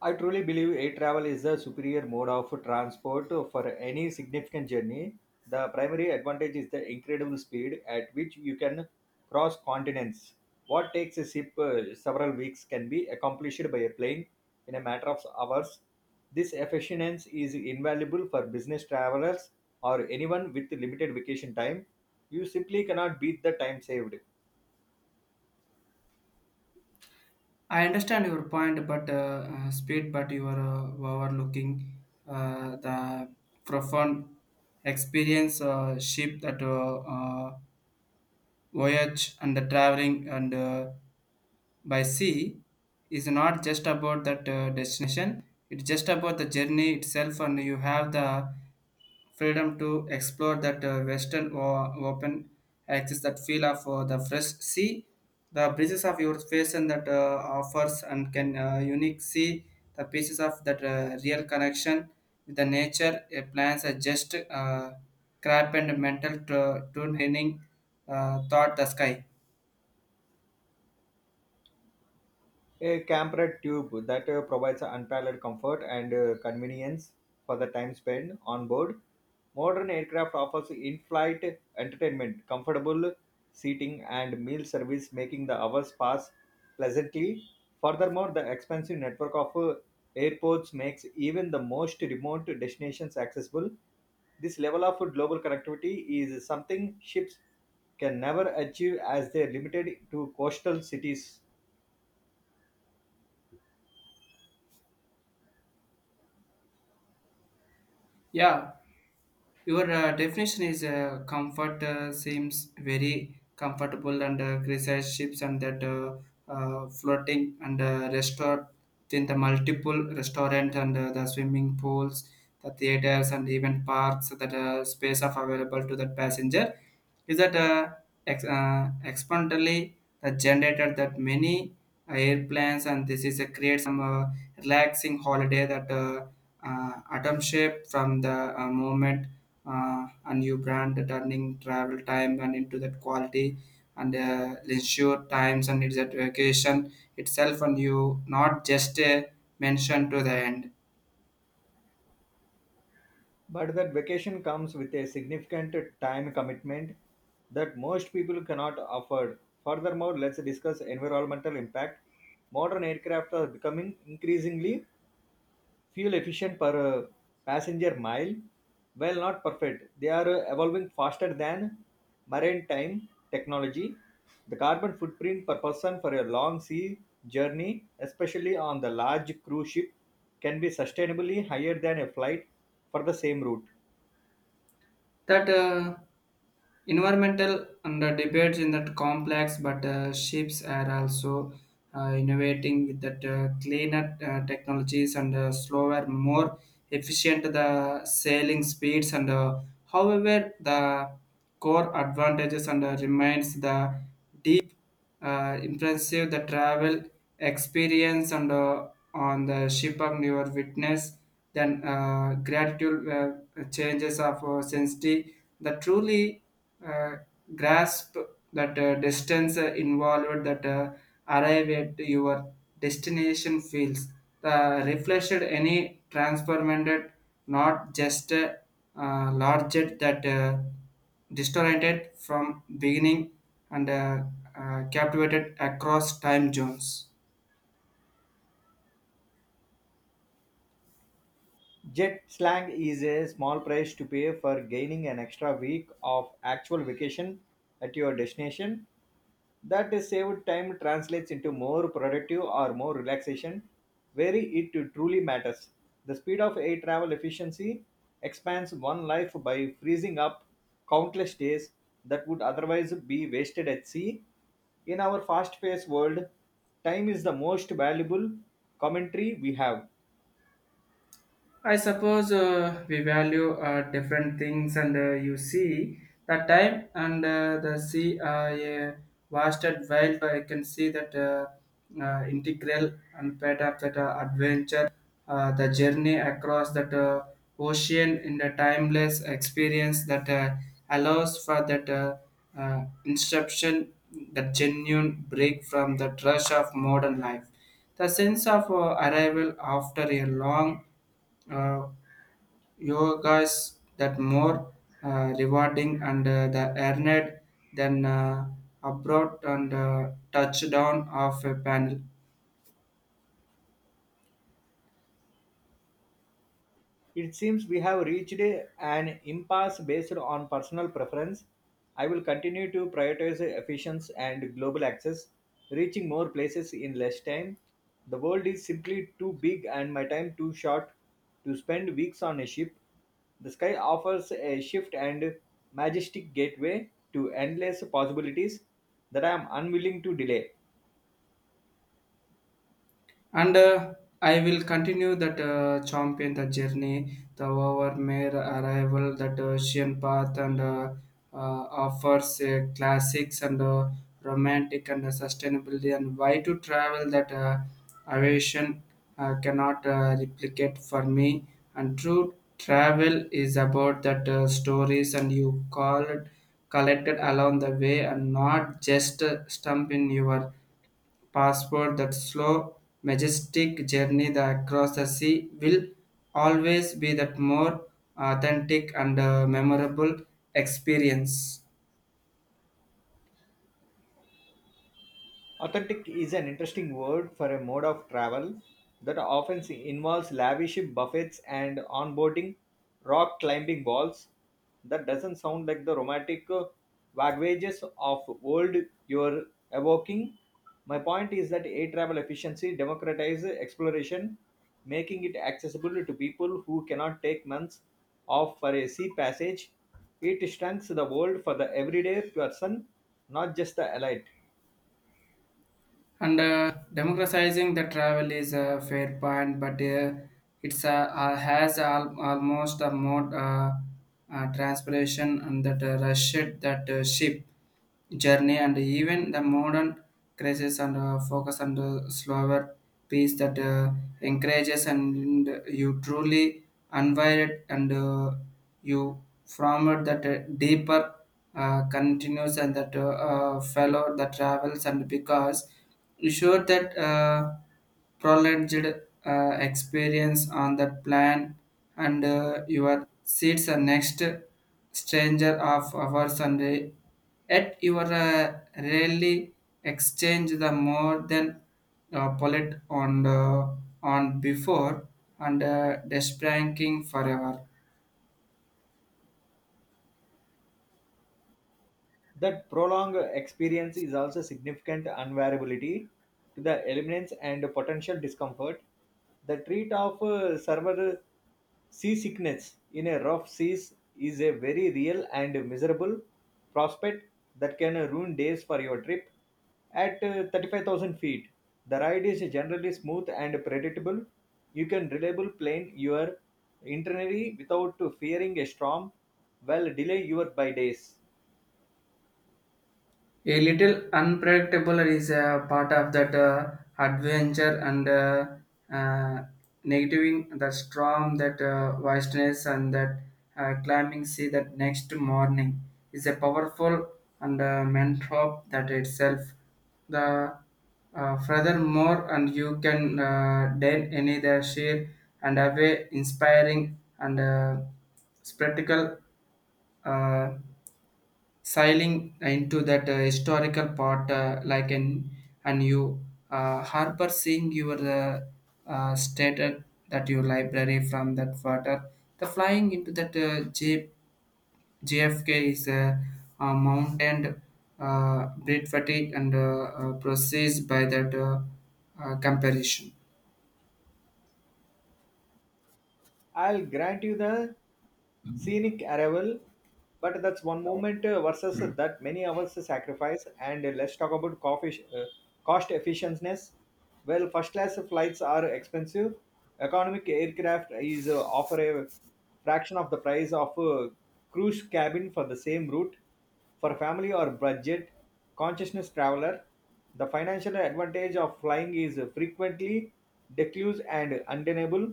I truly believe air travel is the superior mode of transport for any significant journey. The primary advantage is the incredible speed at which you can cross continents. What takes a ship several weeks can be accomplished by a plane in a matter of hours. This efficiency is invaluable for business travelers or anyone with limited vacation time. You simply cannot beat the time saved. I understand your point, but speed, but you are overlooking the profound experience ship that voyage and the traveling and by sea is not just about that destination it's just about the journey itself and you have the freedom to explore that western or open access that feel of the fresh sea the breezes of your face and that offers and can unique see the pieces of that real connection with the nature a plans are just crap and mental turning thought the sky. A campered tube that provides unparalleled comfort and convenience for the time spent on board. Modern aircraft offers in flight entertainment, comfortable seating, and meal service, making the hours pass pleasantly. Furthermore, the expansive network of airports makes even the most remote destinations accessible. This level of global connectivity is something ships can never achieve as they are limited to coastal cities. Yeah. Your definition is comfort seems very comfortable and criticize ships and that floating and restaurant in the multiple restaurant and the swimming pools, the theaters and even parks that space of available to that passenger is that exponentially the generator that many airplanes and this is a create some relaxing holiday that atom shape from the moment and you brand the turning travel time and into that quality and leisure times and it's that vacation itself and you not just mention to the end But that vacation comes with a significant time commitment that most people cannot afford. Furthermore, let's discuss environmental impact. Modern aircraft are becoming increasingly fuel efficient per passenger mile. While not perfect, they are evolving faster than maritime technology. The carbon footprint per person for a long sea journey, especially on the large cruise ship, can be sustainably higher than a flight for the same route. that environmental and the debates in that complex but ships are also innovating with that cleaner technologies and slower more efficient the sailing speeds and however the core advantages and remains the deep impressive the travel experience and on the ship and your witness then gratitude changes of sensitivity that truly uh, grasp that distance involved that arrive at your destination feels the reflected any transformed not just larger that distorted from beginning and captivated across time zones. Jet slang is a small price to pay for gaining an extra week of actual vacation at your destination. That saved time translates into more productive or more relaxation, where it truly matters. The speed of air travel efficiency expands one life by freezing up countless days that would otherwise be wasted at sea. In our fast paced world, time is the most valuable commentary we have. I suppose we value different things, and you see the time and the sea a vaster wild. I can see that integral and part of that adventure, the journey across that ocean in the timeless experience that allows for that inception, that genuine break from the rush of modern life. The sense of arrival after a long uh, yogas that more rewarding and the earned than abroad and touchdown of a panel. It seems we have reached an impasse based on personal preference. I will continue to prioritize efficiency and global access, reaching more places in less time. The world is simply too big and my time too short to spend weeks on a ship. The sky offers a shift and majestic gateway to endless possibilities that I am unwilling to delay. And I will continue that champion the journey, the overmare arrival, that ocean path, and offers classics and romantic and sustainability, and why to travel that aviation cannot replicate for me. And true travel is about that stories, and you call it collected along the way, and not just stump in your passport that slow, majestic journey that across the sea will always be that more authentic and memorable experience. Authentic is an interesting word for a mode of travel that often involves lavish buffets and onboarding rock climbing walls. That doesn't sound like the romantic wagwages of old you're evoking. My point is that air travel efficiency democratizes exploration, making it accessible to people who cannot take months off for a sea passage. It shrinks the world for the everyday person, not just the elite. And democratizing the travel is a fair point, but it's has almost a more transpiration and that rushed that ship journey and even the modern crisis and focus on the slower pace that encourages and you truly unwired and you formed that deeper continues and that fellow the travels and because you sure that prolonged experience on that plan and your seats are next stranger of our Sunday. Yet you are rarely exchange the more than polite on uh, on before and despranking forever. That prolonged experience is also significant unvariability to the elements and potential discomfort. The treat of server seasickness in a rough seas is a very real and miserable prospect that can ruin days for your trip. At 35,000 feet, the ride is generally smooth and predictable. You can reliably plan your itinerary without fearing a storm, while delay your by days. A little unpredictable is a part of that adventure and uh, negating the storm, that vastness, and that climbing sea that next morning is a powerful and mentor that itself. The furthermore, and you can then any the sheer and away inspiring and spectacle. Uh, Sailing into that historical part like an and you harbor seeing your stated that your library from that water the flying into that JFK is a mountain breed fatigue and proceeds by that comparison. I'll grant you the scenic arrival, but that's one moment versus that many hours sacrifice. And let's talk about coffee, cost efficiency. Well, first class flights are expensive. Economic aircraft is offer a fraction of the price of a cruise cabin for the same route. For family or budget consciousness traveler, the financial advantage of flying is frequently diffuse and undeniable.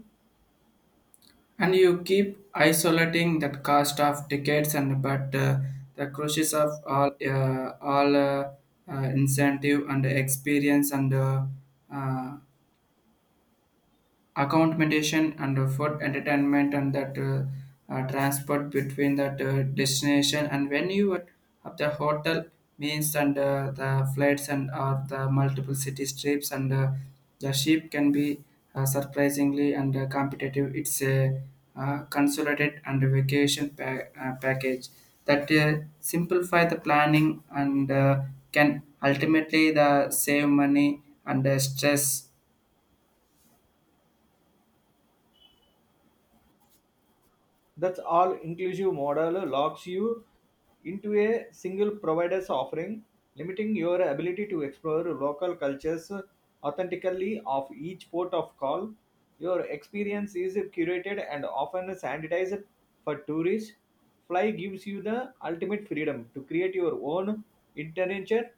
And you keep isolating that cost of decades and but the crushes of all uh, incentive and experience and uh, accommodation and food entertainment and that transport between that destination and when you at the hotel means and the flights and or the multiple city trips and the ship can be surprisingly and competitive it's a consolidated and vacation package that simplify the planning and can ultimately the save money and stress. That's all inclusive model locks you into a single provider's offering, limiting your ability to explore local cultures authentically of each port of call. Your experience is curated and often sanitized for tourists. Fly gives you the ultimate freedom to create your own intervention.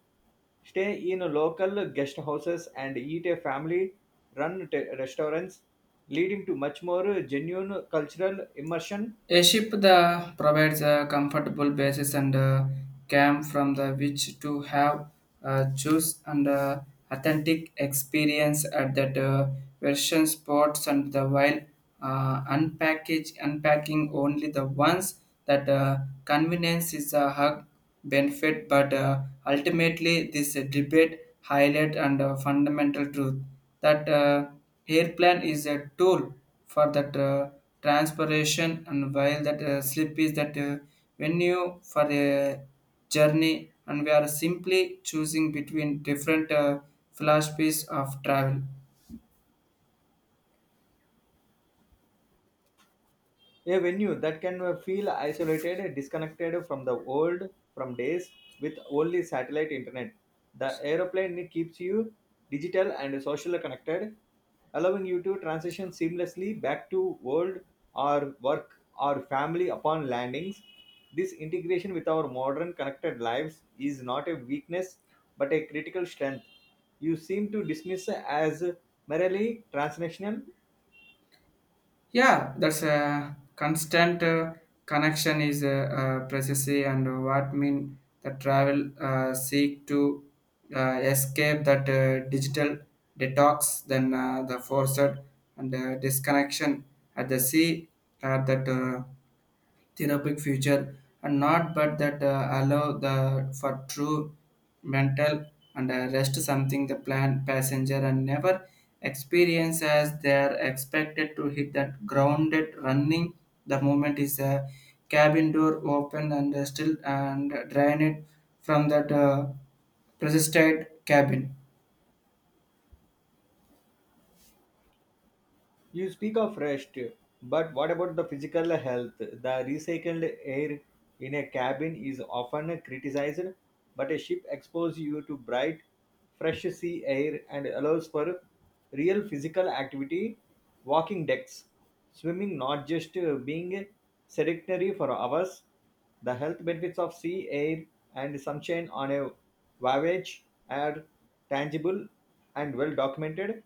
Stay in local guest houses and eat a family-run restaurants, leading to much more genuine cultural immersion. A ship that provides a comfortable basis and a camp from the which to have a choose and a authentic experience at that version sports and the while unpackage unpacking only the ones that convenience is a hug benefit but ultimately this debate highlight and fundamental truth that airplane is a tool for that transpiration and while that slip is that when you for a journey and we are simply choosing between different philosophies of travel. A venue that can feel isolated, disconnected from the world, from days with only satellite internet. The aeroplane keeps you digital and socially connected, allowing you to transition seamlessly back to world or work or family upon landings. This integration with our modern connected lives is not a weakness but a critical strength. You seem to dismiss as merely transnational. Yeah, that's a constant connection is a, precisely and what mean the travel seek to escape that digital detox then the forced and disconnection at the sea that therapeutic future and not but that allow the for true mental and rest something the plan passenger and never experience as they are expected to hit that grounded running the moment is a cabin door open and still and drain it from that persisted cabin. You speak of rest, but what about the physical health? The recycled air in a cabin is often criticized, but a ship exposes you to bright, fresh sea air and allows for real physical activity, walking decks, swimming, not just being sedentary for hours. The health benefits of sea air and sunshine on a voyage are tangible and well documented.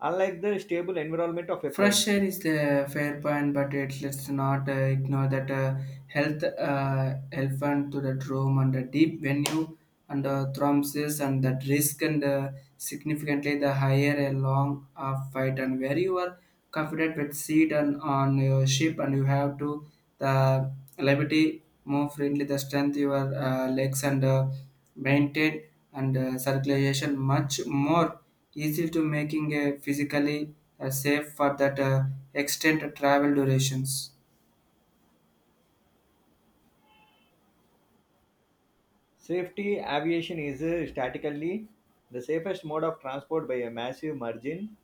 Unlike the stable environment of a Fresh plane, air is the fair point, but it, let's not ignore that health elephant to the room and the deep venue and thrombosis and that risk and significantly the higher a long fight and where you are confident with seed and on your ship and you have to the liberty more friendly the strength your legs and maintain and circulation much more easy to making a physically safe for that extent travel durations. safety aviation is statically the safest mode of transport by a massive margin.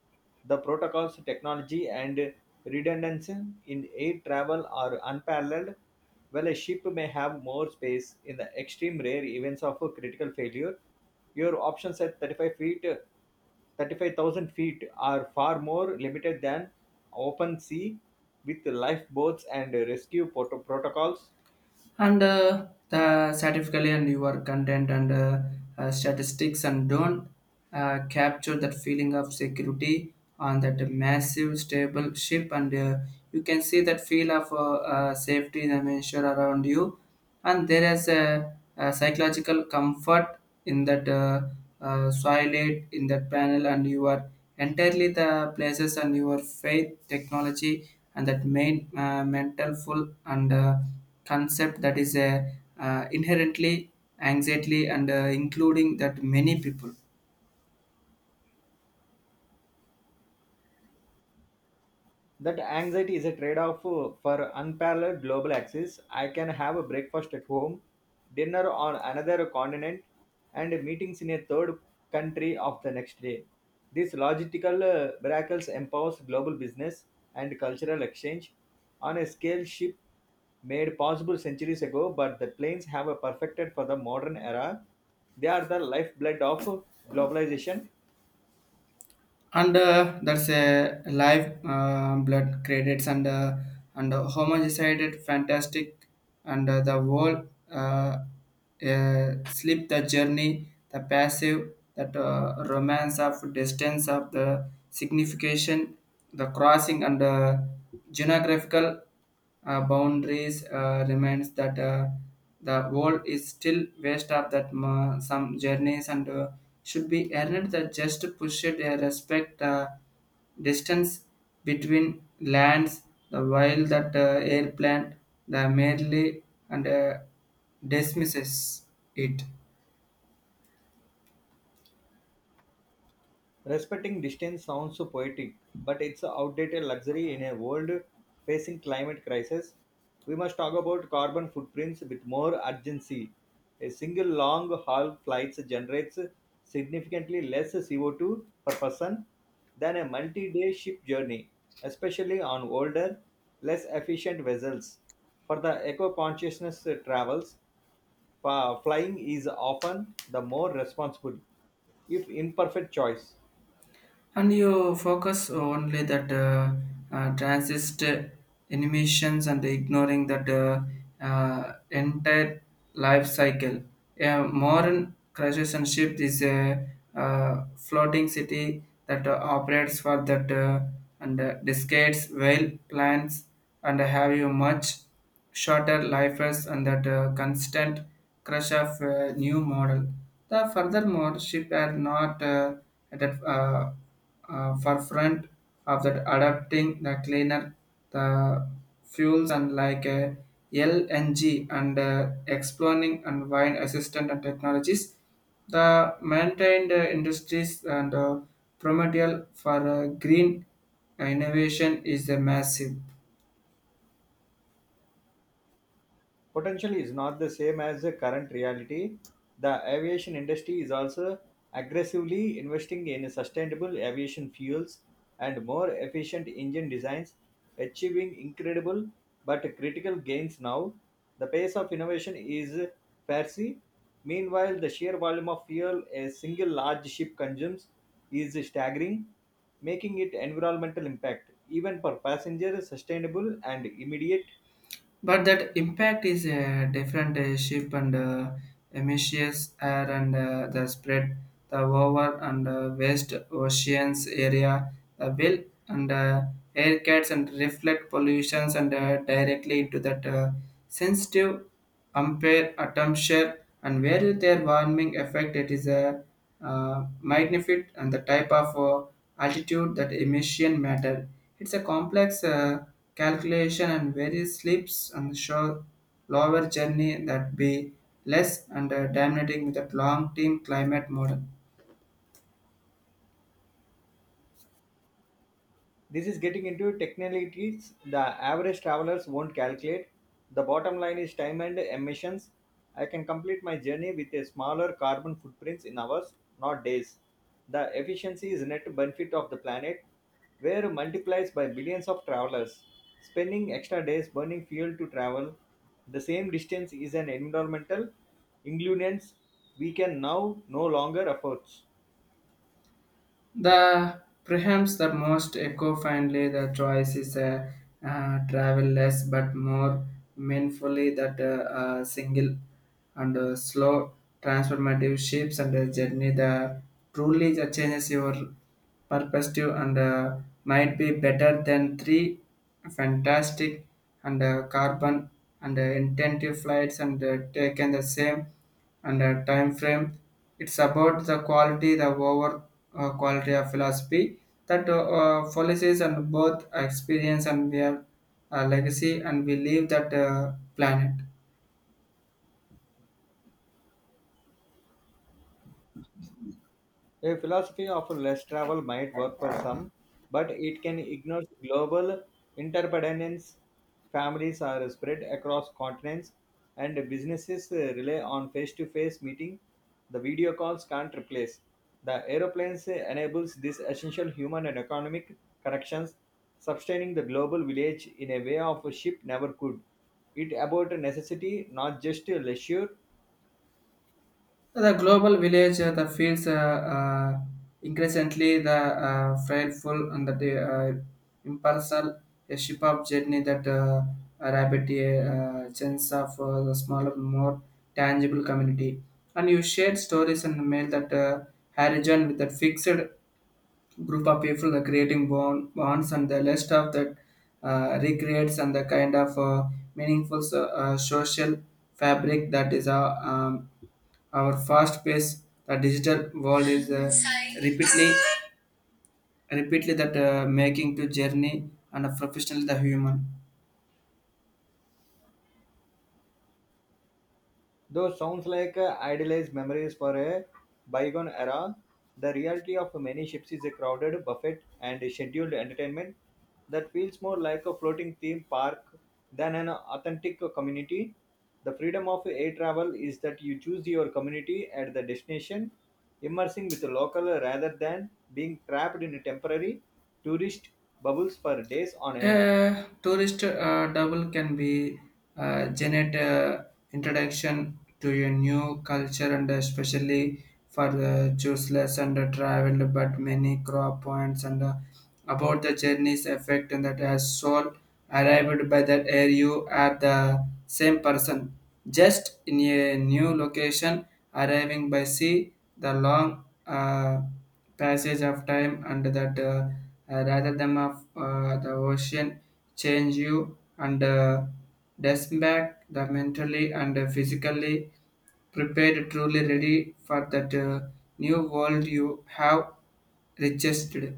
The protocols, technology, and redundancy in air travel are unparalleled. While a ship may have more space in the extreme rare events of a critical failure, your options at 35 feet, 35,000 feet are far more limited than open sea with lifeboats and rescue protocols. And the statistically and your content and statistics and don't capture that feeling of security on that massive stable ship and you can see that feel of safety dimension around you and there is a psychological comfort in that soilate in that panel and you are entirely the places and your faith technology and that main mental full and concept that is a inherently anxiety and including that many people That anxiety is a trade off for unparalleled global access. I can have a breakfast at home, dinner on another continent, and meetings in a third country of the next day. These logistical miracles empowers global business and cultural exchange on a scale ship made possible centuries ago, but the planes have a perfected for the modern era. They are the lifeblood of globalization. and that's a live blood credits and homogeneized fantastic and the world slip the journey the passive that romance of distance of the signification the crossing and geographical boundaries remains that the world is still waste of that some journeys and should be earned that just push it respect distance between lands the while that airplane the merely and dismisses it. Respecting distance sounds so poetic, but it's an outdated luxury in a world facing climate crisis. We must talk about carbon footprints with more urgency. A single long haul flight generates significantly less CO2 per person than a multi day ship journey, especially on older, less efficient vessels. For the eco consciousness travels, flying is often the more responsible, if imperfect, choice. And you focus only that transist animations and ignoring that entire life cycle. A modern creation ship is a floating city that operates for that and discards whale plants and have you much shorter lifers and that constant crush of new model. The furthermore, ship are not at the forefront of that adapting the cleaner the fuels and like LNG and exploring and wine assistant and technologies. The maintained industries and primordial for green innovation is massive. Potentially is not the same as the current reality. The aviation industry is also aggressively investing in sustainable aviation fuels and more efficient engine designs, achieving incredible but critical gains now. The pace of innovation is fancy. Meanwhile, the sheer volume of fuel a single large ship consumes is staggering, making it environmental impact even for passengers sustainable and immediate. But that impact is a different ship and emissions air and the spread the over and west oceans area the will and air cats and reflect pollutions and directly into that sensitive Ampere, atmosphere, and where their warming effect it is a magnified and the type of altitude that emission matter. It's a complex calculation and various slips and show lower journey that be less and dominating with a long team climate model. This is getting into technicalities the average travelers won't calculate. The bottom line is time and emissions. I can complete my journey with a smaller carbon footprints in hours, not days. The efficiency is net benefit of the planet, where multiplies by billions of travelers. Spending extra days burning fuel to travel the same distance is an environmental inconvenience we can now no longer afford. The perhaps the most eco-friendly the choice is a travel less but more meaningfully that single and slow transformative shapes and the journey the truly the changes your perspective and might be better than three fantastic and carbon and intensive flights and taken the same and a time frame. It's about the quality, the over quality of philosophy that policies and both experience and their legacy, and we leave that planet. A philosophy of less travel might work for some, but it can ignore global interdependence. Families are spread across continents, and businesses rely on face-to-face meeting. The video calls can't replace. The aeroplanes enables these essential human and economic connections, sustaining the global village in a way of a ship never could. It about necessity, not just a leisure. The global village that feels increasingly the frightful and the impersonal a ship of journey that rabbit a chance of the smaller, more tangible community. And you shared stories and mail that horizon with that fixed group of people the creating bonds and the list of that recreates and the kind of meaningful social fabric that is our fast paced the digital world is repeatedly repeatedly that making to journey and a professional the human. Those sounds like idealized memories for a bygone era. The reality of many ships is a crowded buffet and scheduled entertainment that feels more like a floating theme park than an authentic community. The freedom of air travel is that you choose your community at the destination, immersing with the local rather than being trapped in temporary tourist bubbles for days on end. Tourist double can be generate introduction to your new culture and especially for the choiceless and travel but many crop points and about the journey's effect and that has soul arrived by that air you are the same person just in a new location arriving by sea the long passage of time and that rather than of the ocean change you and desk back the mentally and physically prepared truly ready for that new world you have registered.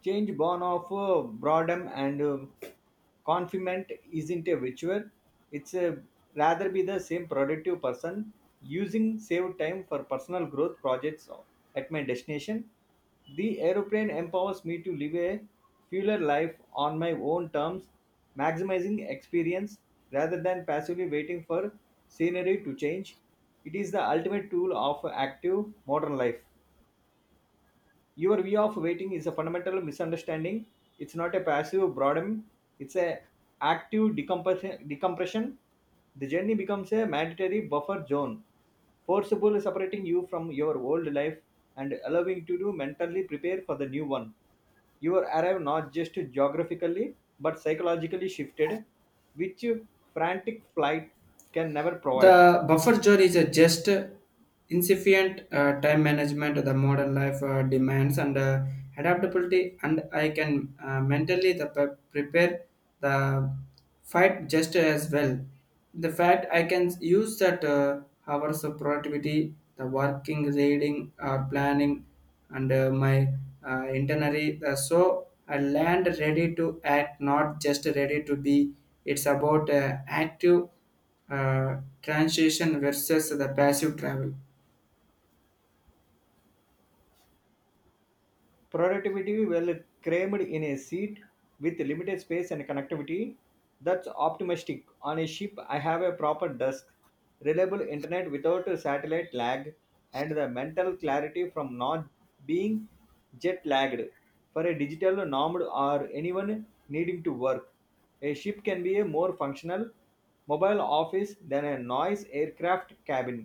Change born of boredom and confinement isn't a ritual. It's a rather be the same productive person using saved time for personal growth projects at my destination. The aeroplane empowers me to live a fuller life on my own terms, maximizing experience rather than passively waiting for scenery to change. It is the ultimate tool of active modern life. Your way of waiting is a fundamental misunderstanding. It's not a passive boredom, it's a active decompression. The journey becomes a mandatory buffer zone, forcible separating you from your old life and allowing you to mentally prepare for the new one. You arrive not just geographically but psychologically shifted, which frantic flight can never provide. The buffer zone is a just insufficient time management the modern life demands and adaptability and I can mentally the prepare the fight just as well. The fact I can use that hours of productivity, the working, reading, or planning, and my itinerary. So I land ready to act, not just ready to be. It's about active transition versus the passive travel. Productivity well crammed in a seat with limited space and connectivity that's optimistic on a ship I have a proper desk, reliable internet without a satellite lag, and the mental clarity from not being jet lagged. For a digital nomad or anyone needing to work, a ship can be a more functional mobile office than a noise aircraft cabin.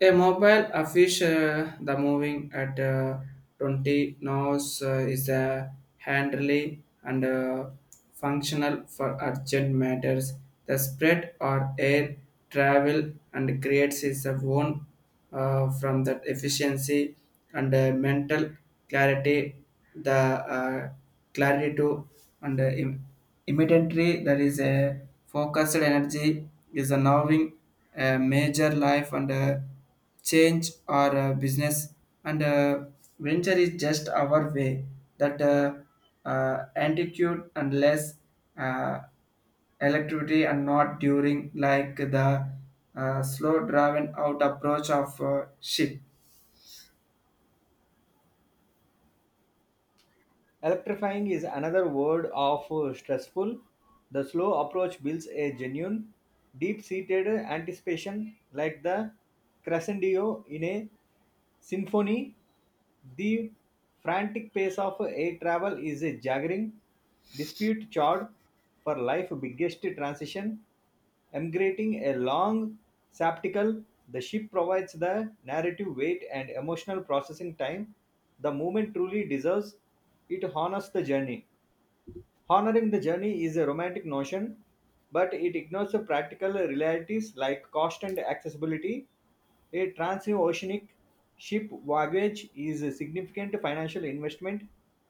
A mobile a the moving at 20 knots is a handily and functional for urgent matters. The spread or air travel and creates its own from that efficiency and mental clarity, the clarity to and immediately there is a focused energy is a knowing a major life and change or business and venture is just our way that attitude and less uh, electricity and not during like the slow driven out approach of ship. Electrifying is another word of stressful. The slow approach builds a genuine, deep seated anticipation, like the crescendo in a symphony. The frantic pace of air travel is a jaggering, dispute charred for life biggest transition. Emigrating a long saptical, the ship provides the narrative weight and emotional processing time the movement truly deserves. It honors the journey. Honoring the journey is a romantic notion, but it ignores the practical realities like cost and accessibility. A transoceanic ship voyage is a significant financial investment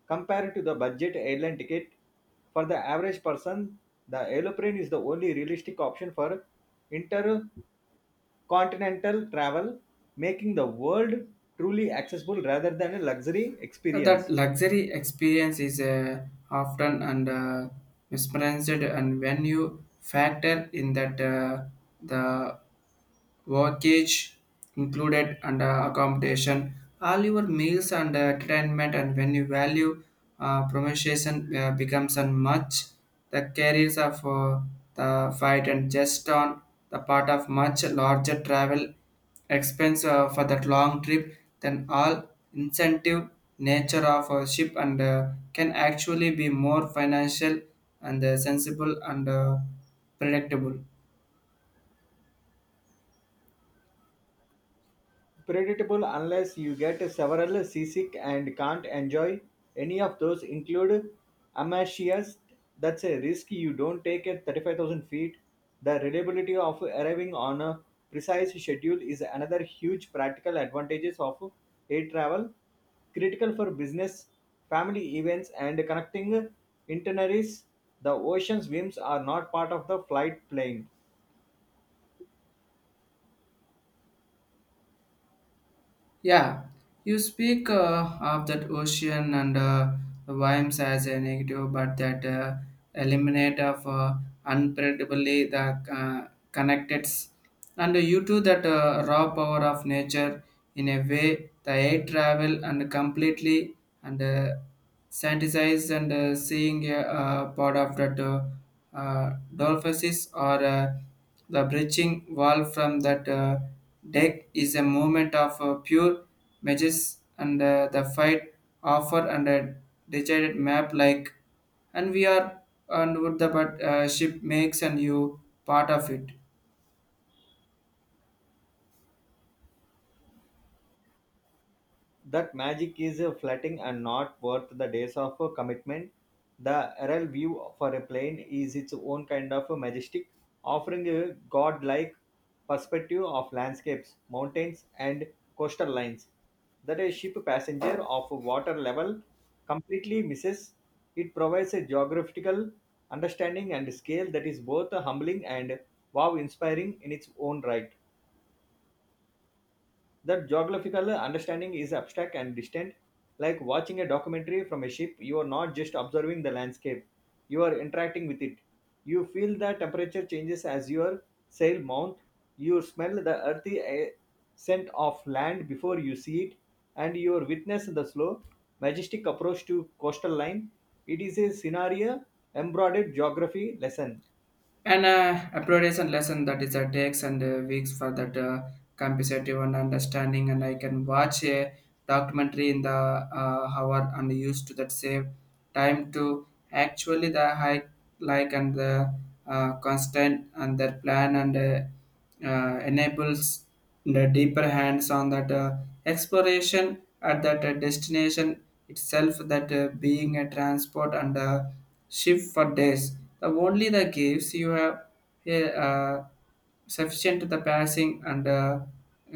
compared to the budget airline ticket. For the average person, the aeroplane is the only realistic option for intercontinental travel, making the world truly accessible rather than a luxury That experience. luxury experience is often and mesmerized and when you factor in that the Mortgage included and accommodation, all your meals and entertainment, and when you value promotion becomes and much the carriers of the fight and just on the part of much larger travel expense for that long trip then all incentive nature of a ship and can actually be more financial and sensible and predictable. Predictable unless you get several seasick and can't enjoy any of those include amachias. That's a risk you don't take at 35,000 feet. The reliability of arriving on a precise schedule is another huge practical advantages of air travel, critical for business, family events and connecting itineraries. The ocean's whims are not part of the flight plan. Yeah, you speak of that ocean and the vibes as a negative, but that eliminate of unpredictably the connecteds. And you too that raw power of nature in a way the air travel and completely and sanitize and seeing a part of that. Dorphuses or the breaching wall from that deck is a moment of pure mages and the fight offer and a decided map like and we are and with the but ship makes and you part of it That magic is fleeting and not worth the days of commitment. The aerial view for a plane is its own kind of majestic, offering a godlike perspective of landscapes, mountains, and coastal lines that a ship passenger of water level completely misses. It provides a geographical understanding and scale that is both humbling and wow inspiring in its own right. That geographical understanding is abstract and distant, like watching a documentary from a ship. You are not just observing the landscape, you are interacting with it. You feel the temperature changes as your sail mount, you smell the earthy scent of land before you see it, and you witness the slow, majestic approach to coastal line. It is a scenario embroidered geography lesson. and appreciation lesson that is takes and weeks for that compensative and understanding and I can watch a documentary in the hour and used to that save time to. Actually, the hike like and the constant and their plan and enables the deeper hands on that exploration at that destination itself that being a transport and a ship for days. The only the gives you have uh, sufficient to the passing and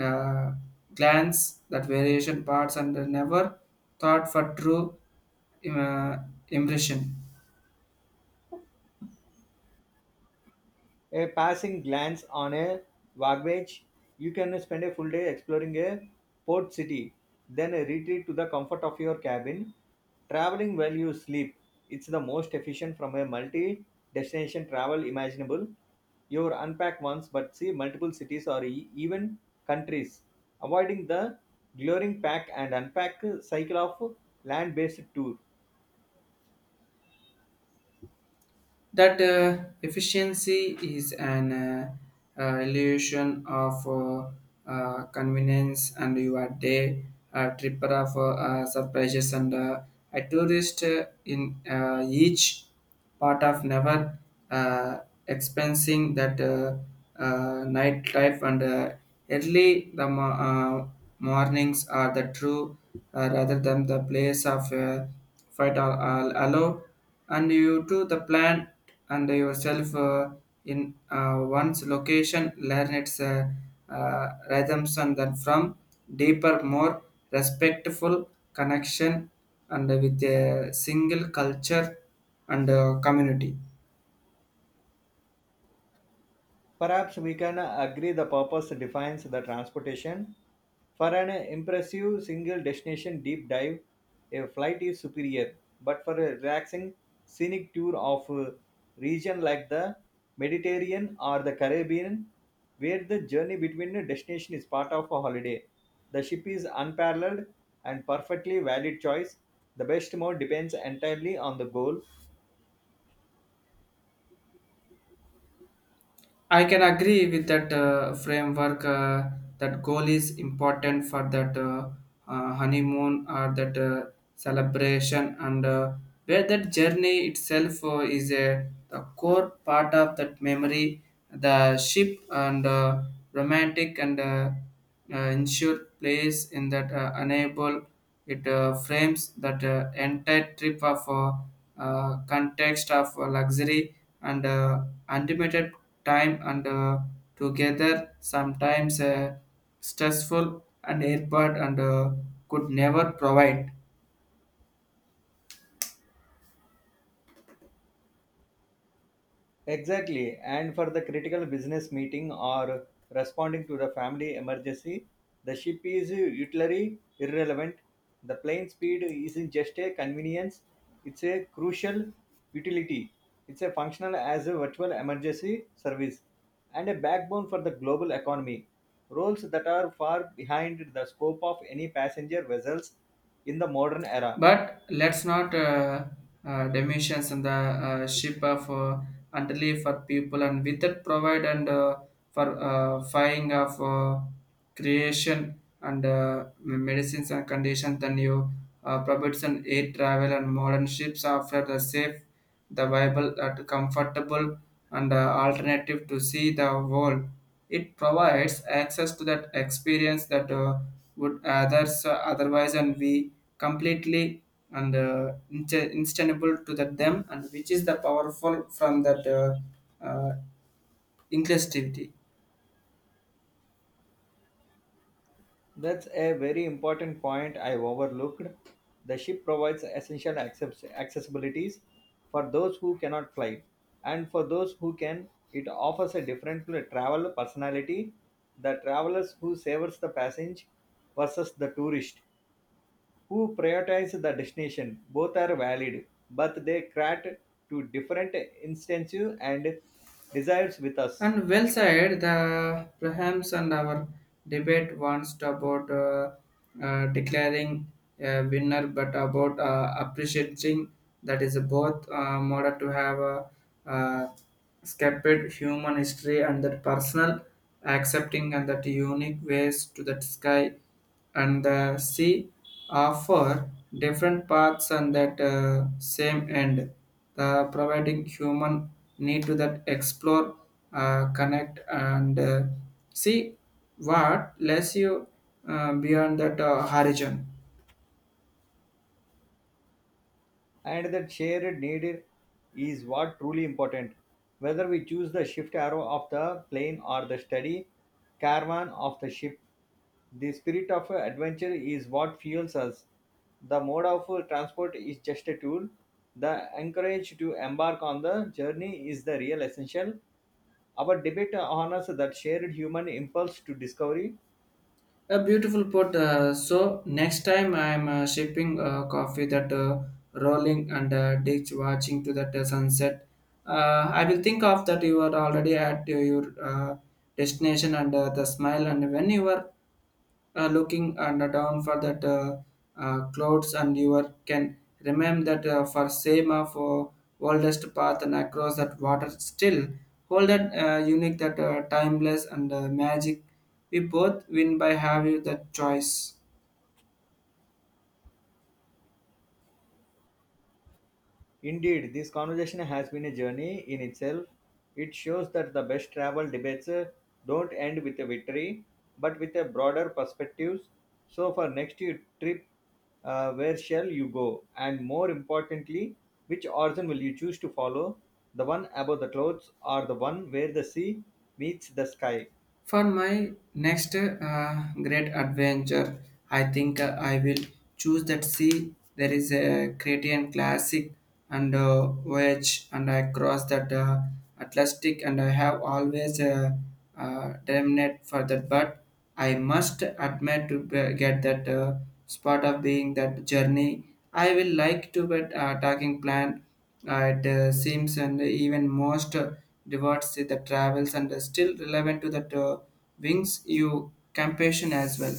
uh, glance that variation parts and never thought for true uh, impression. A passing glance on a wagbage, you can spend a full day exploring a port city, then a retreat to the comfort of your cabin. Traveling while you sleep, it's the most efficient from a multi destination travel imaginable. You unpack once but see multiple cities or even countries, avoiding the glaring pack and unpack cycle of land based tour. That efficiency is an illusion of convenience and you are day tripper of surprises and a tourist in each part of never uh, expensing that nightlife and early the mornings are the true rather than the place of fight all allow and you to the plant and yourself in one's location learn its rhythms and then from deeper more respectful connection and with a single culture and community. Perhaps we can agree the purpose defines the transportation. For an impressive single destination deep dive, a flight is superior, but for a relaxing scenic tour of a region like the Mediterranean or the Caribbean, where the journey between the destination is part of a holiday, the ship is unparalleled and perfectly valid choice. The best mode depends entirely on the goal. I can agree with that framework. That goal is important for that honeymoon or that celebration, and where that journey itself is a the core part of that memory. The ship and romantic and insured place in that enable it frames that entire trip of context of luxury and unlimited time and together sometimes stressful and airport and could never provide. Exactly. And for the critical business meeting or responding to the family emergency, the ship is utterly irrelevant. The plane speed isn't just a convenience, it's a crucial utility. It's a functional as a virtual emergency service and a backbone for the global economy. Roles that are far behind the scope of any passenger vessels in the modern era. But let's not dimensions in the ship of entirely for people and with that provide and for finding of creation and medicines and conditions then you provides an air travel and modern ships offer the safe, the viable, comfortable and alternative to see the world it provides access to that experience that would others otherwise and we completely and instantable to that them and which is the powerful from that uh, inclusivity. That's a very important point I overlooked. The ship provides essential accessibilities for those who cannot fly, and for those who can, it offers a different travel personality. The travelers who savors the passage versus the tourist who prioritize the destination. Both are valid, but they cater to different instances and desires with us. And well said, the perhaps and our debate wants to about declaring a winner, but about appreciating that is both model to have a uh, scattered human history and that personal accepting and that unique ways to that sky and the sea offer different paths and that same end the providing human need to that explore connect and see what lets you beyond that horizon. And that shared need is what truly important. Whether we choose the shift arrow of the plane or the steady caravan of the ship, the spirit of adventure is what fuels us. The mode of transport is just a tool. The encourage to embark on the journey is the real essential. Our debate honors that shared human impulse to discovery. A beautiful put. So next time I'm shipping coffee that rolling and ditch watching to that sunset. I will think of that you are already at your destination and the smile and when you were looking and down for that clouds and you are, can remember that for same of oldest path and across that water still hold that unique that timeless and magic we both win by having that choice. Indeed, this conversation has been a journey in itself. It shows that the best travel debates don't end with a victory, but with a broader perspectives. So, for next year trip, where shall you go? And more importantly, which origin will you choose to follow? The one above the clouds or the one where the sea meets the sky? For my next great adventure, I think I will choose that sea. There is a Cretan classic and voyage, and I cross that Atlantic, and I have always terminate for that. But I must admit to get that spot of being that journey. I will like to but talking plan. It seems and even most rewards the travels and still relevant to that wings you compassion as well.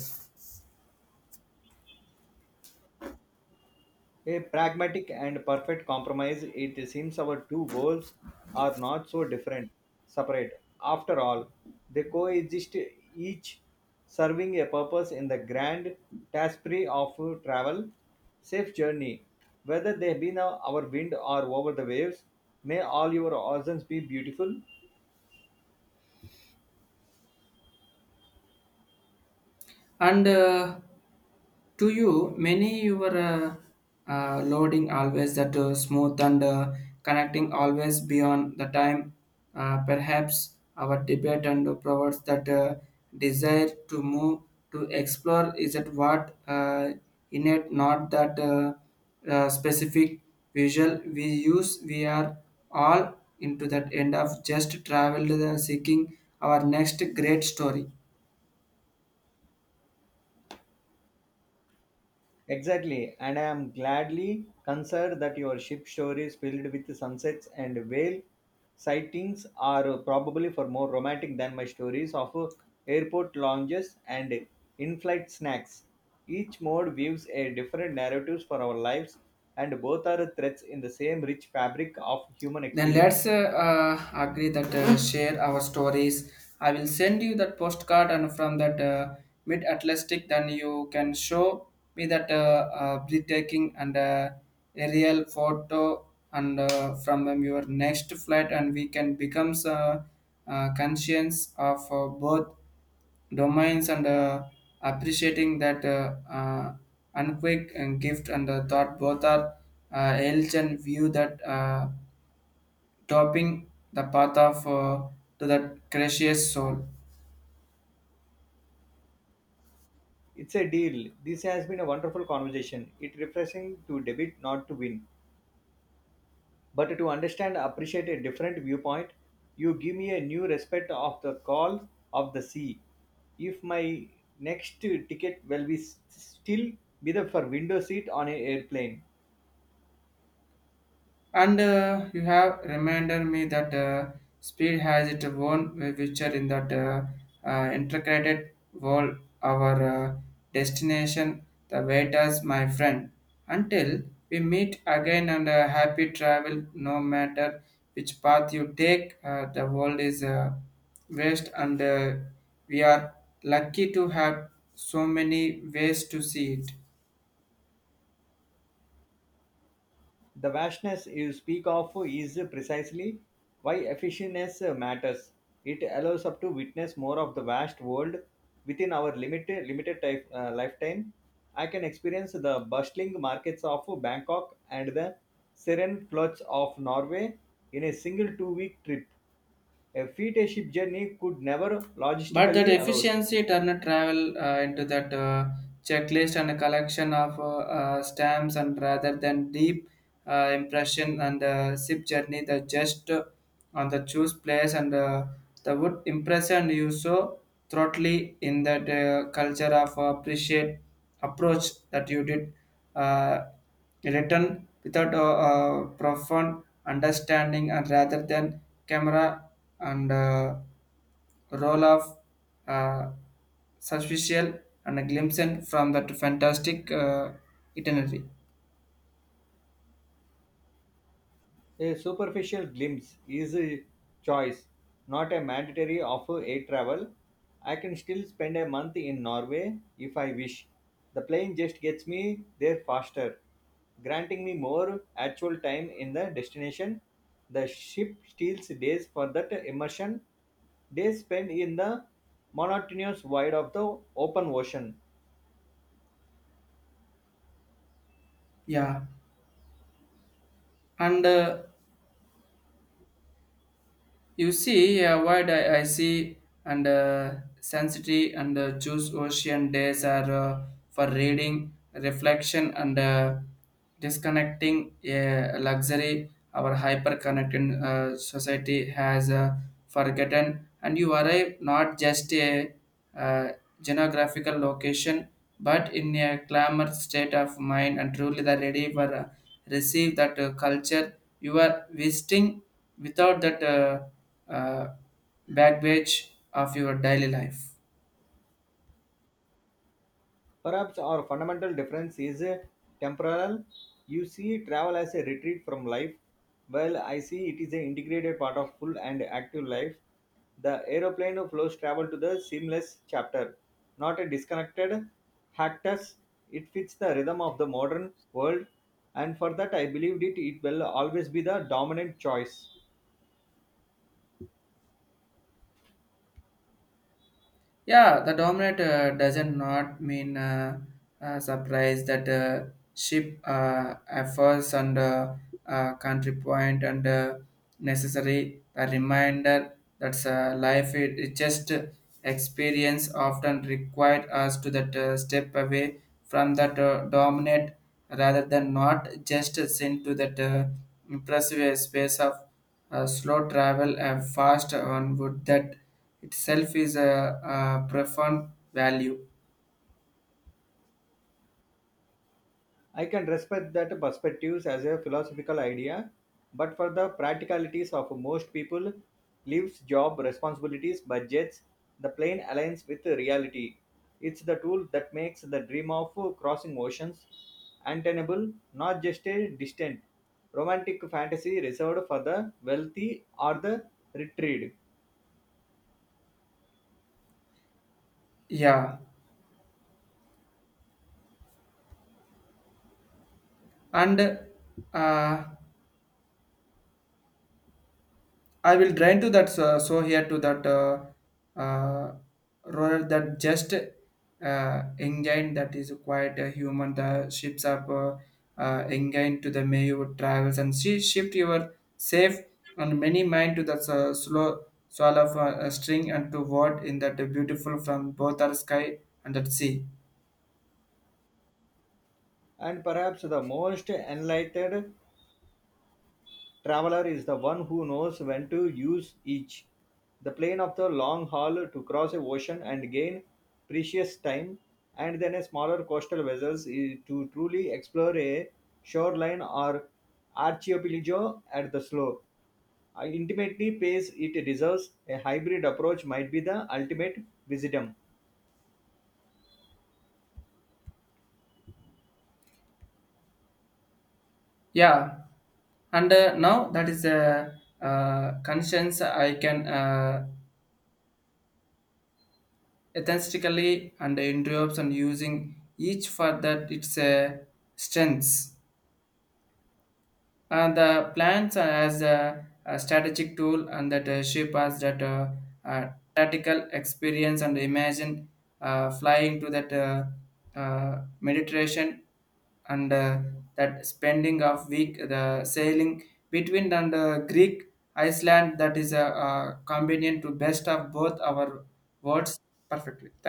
A pragmatic and perfect compromise, it seems our two worlds are not so different, separate. After all, they coexist, each serving a purpose in the grand tapestry of travel. Safe journey, whether they be now our wind or over the waves, may all your oceans be beautiful. And to you, many your loading always that smooth and connecting always beyond the time. Perhaps our debate and provides that desire to move to explore is that what innate, not that specific visual we use. We are all into that end of just travel seeking our next great story. Exactly, and I am gladly concerned that your ship stories filled with sunsets and whale sightings are probably for more romantic than my stories of airport lounges and in-flight snacks. Each mode weaves a different narratives for our lives, and both are threads in the same rich fabric of human Then let's experience. Agree that share our stories. I will send you that postcard and from that mid Atlantic, then you can show me that breathtaking and aerial photo and from your next flight, and we can become conscious of both domains and appreciating that unquick and gift and the thought both are elch and view that. Topping the path of to that gracious soul. It's a deal. This has been a wonderful conversation. It refreshing to debate, not to win. But to understand appreciate a different viewpoint, you give me a new respect of the call of the sea. If my next ticket will be still be the for window seat on an airplane. And you have reminded me that speed has its own feature in that integrated world, our destination, the waiters, my friend. Until we meet again and happy travel, no matter which path you take, the world is vast and we are lucky to have so many ways to see it. The vastness you speak of is precisely why efficiency matters. It allows us to witness more of the vast world within our limited type, lifetime. I can experience the bustling markets of Bangkok and the serene floods of Norway in a single two-week trip. A feet a ship journey could never But that logistically allows. efficiency turned travel into that checklist and a collection of stamps, and rather than deep impression and sip journey, the just on the choose place and the would impress and you so thoroughly in that culture of appreciate approach that you did uh, written without a, profound understanding and rather than camera and. Role of uh, superficial and a glimpse in from that fantastic itinerary. A superficial glimpse is a choice, not a mandatory offer air travel. I can still spend a month in Norway if I wish. The plane just gets me there faster, granting me more actual time in the destination. The ship steals days for that immersion, days spent in the monotonous void of the open ocean. Yeah, and you see, what I see, and sensitivity and choose ocean days are for reading, reflection, and disconnecting a luxury our hyper-connected society has forgotten. And you arrive not just a uh, geographical location, but in a clamor state of mind and truly the ready for receive that culture you are visiting without that uh, baggage of your daily life. Perhaps our fundamental difference is temporal. You see travel as a retreat from life, while I see it is an integrated part of full and active life. The aeroplane flows travel to the seamless chapter, not a disconnected hiatus. It fits the rhythm of the modern world, and for that I believed it will always be the dominant choice. Yeah, the dominant doesn't not mean surprise that ship efforts and country point and necessary a reminder that's life it just experience often required us to that step away from that dominant rather than not just sent to that impressive space of slow travel and fast onward that itself is a profound value. I can respect that perspectives as a philosophical idea, but for the practicalities of most people, leaves, job, responsibilities, budgets, the plane aligns with reality. It's the tool that makes the dream of crossing oceans attainable, not just a distant romantic fantasy reserved for the wealthy or the retrieved. Yeah, and uh, I will drain to that so here to that uh, rather that just engine that is quite a human. The ships up engine to the Mayo travels and she shift your safe and many mind to the slow swallow of a, string and to word in that beautiful from both our sky and that sea. And perhaps the most enlightened traveler is the one who knows when to use each. The plane of the long haul to cross a ocean and gain precious time, and then a smaller coastal vessels to truly explore a shoreline or archipelago at the slow. I intimately pays it deserves a hybrid approach might be the ultimate wisdom. Yeah, and now that is a conscience I can ethically and interrupts and using each for that its strengths. And the plans as a strategic tool and that ship has that uh, tactical experience and imagine flying to that Mediterranean and that spending of week the sailing between and Greek Iceland that is a, convenient to best of both our words perfectly. Thank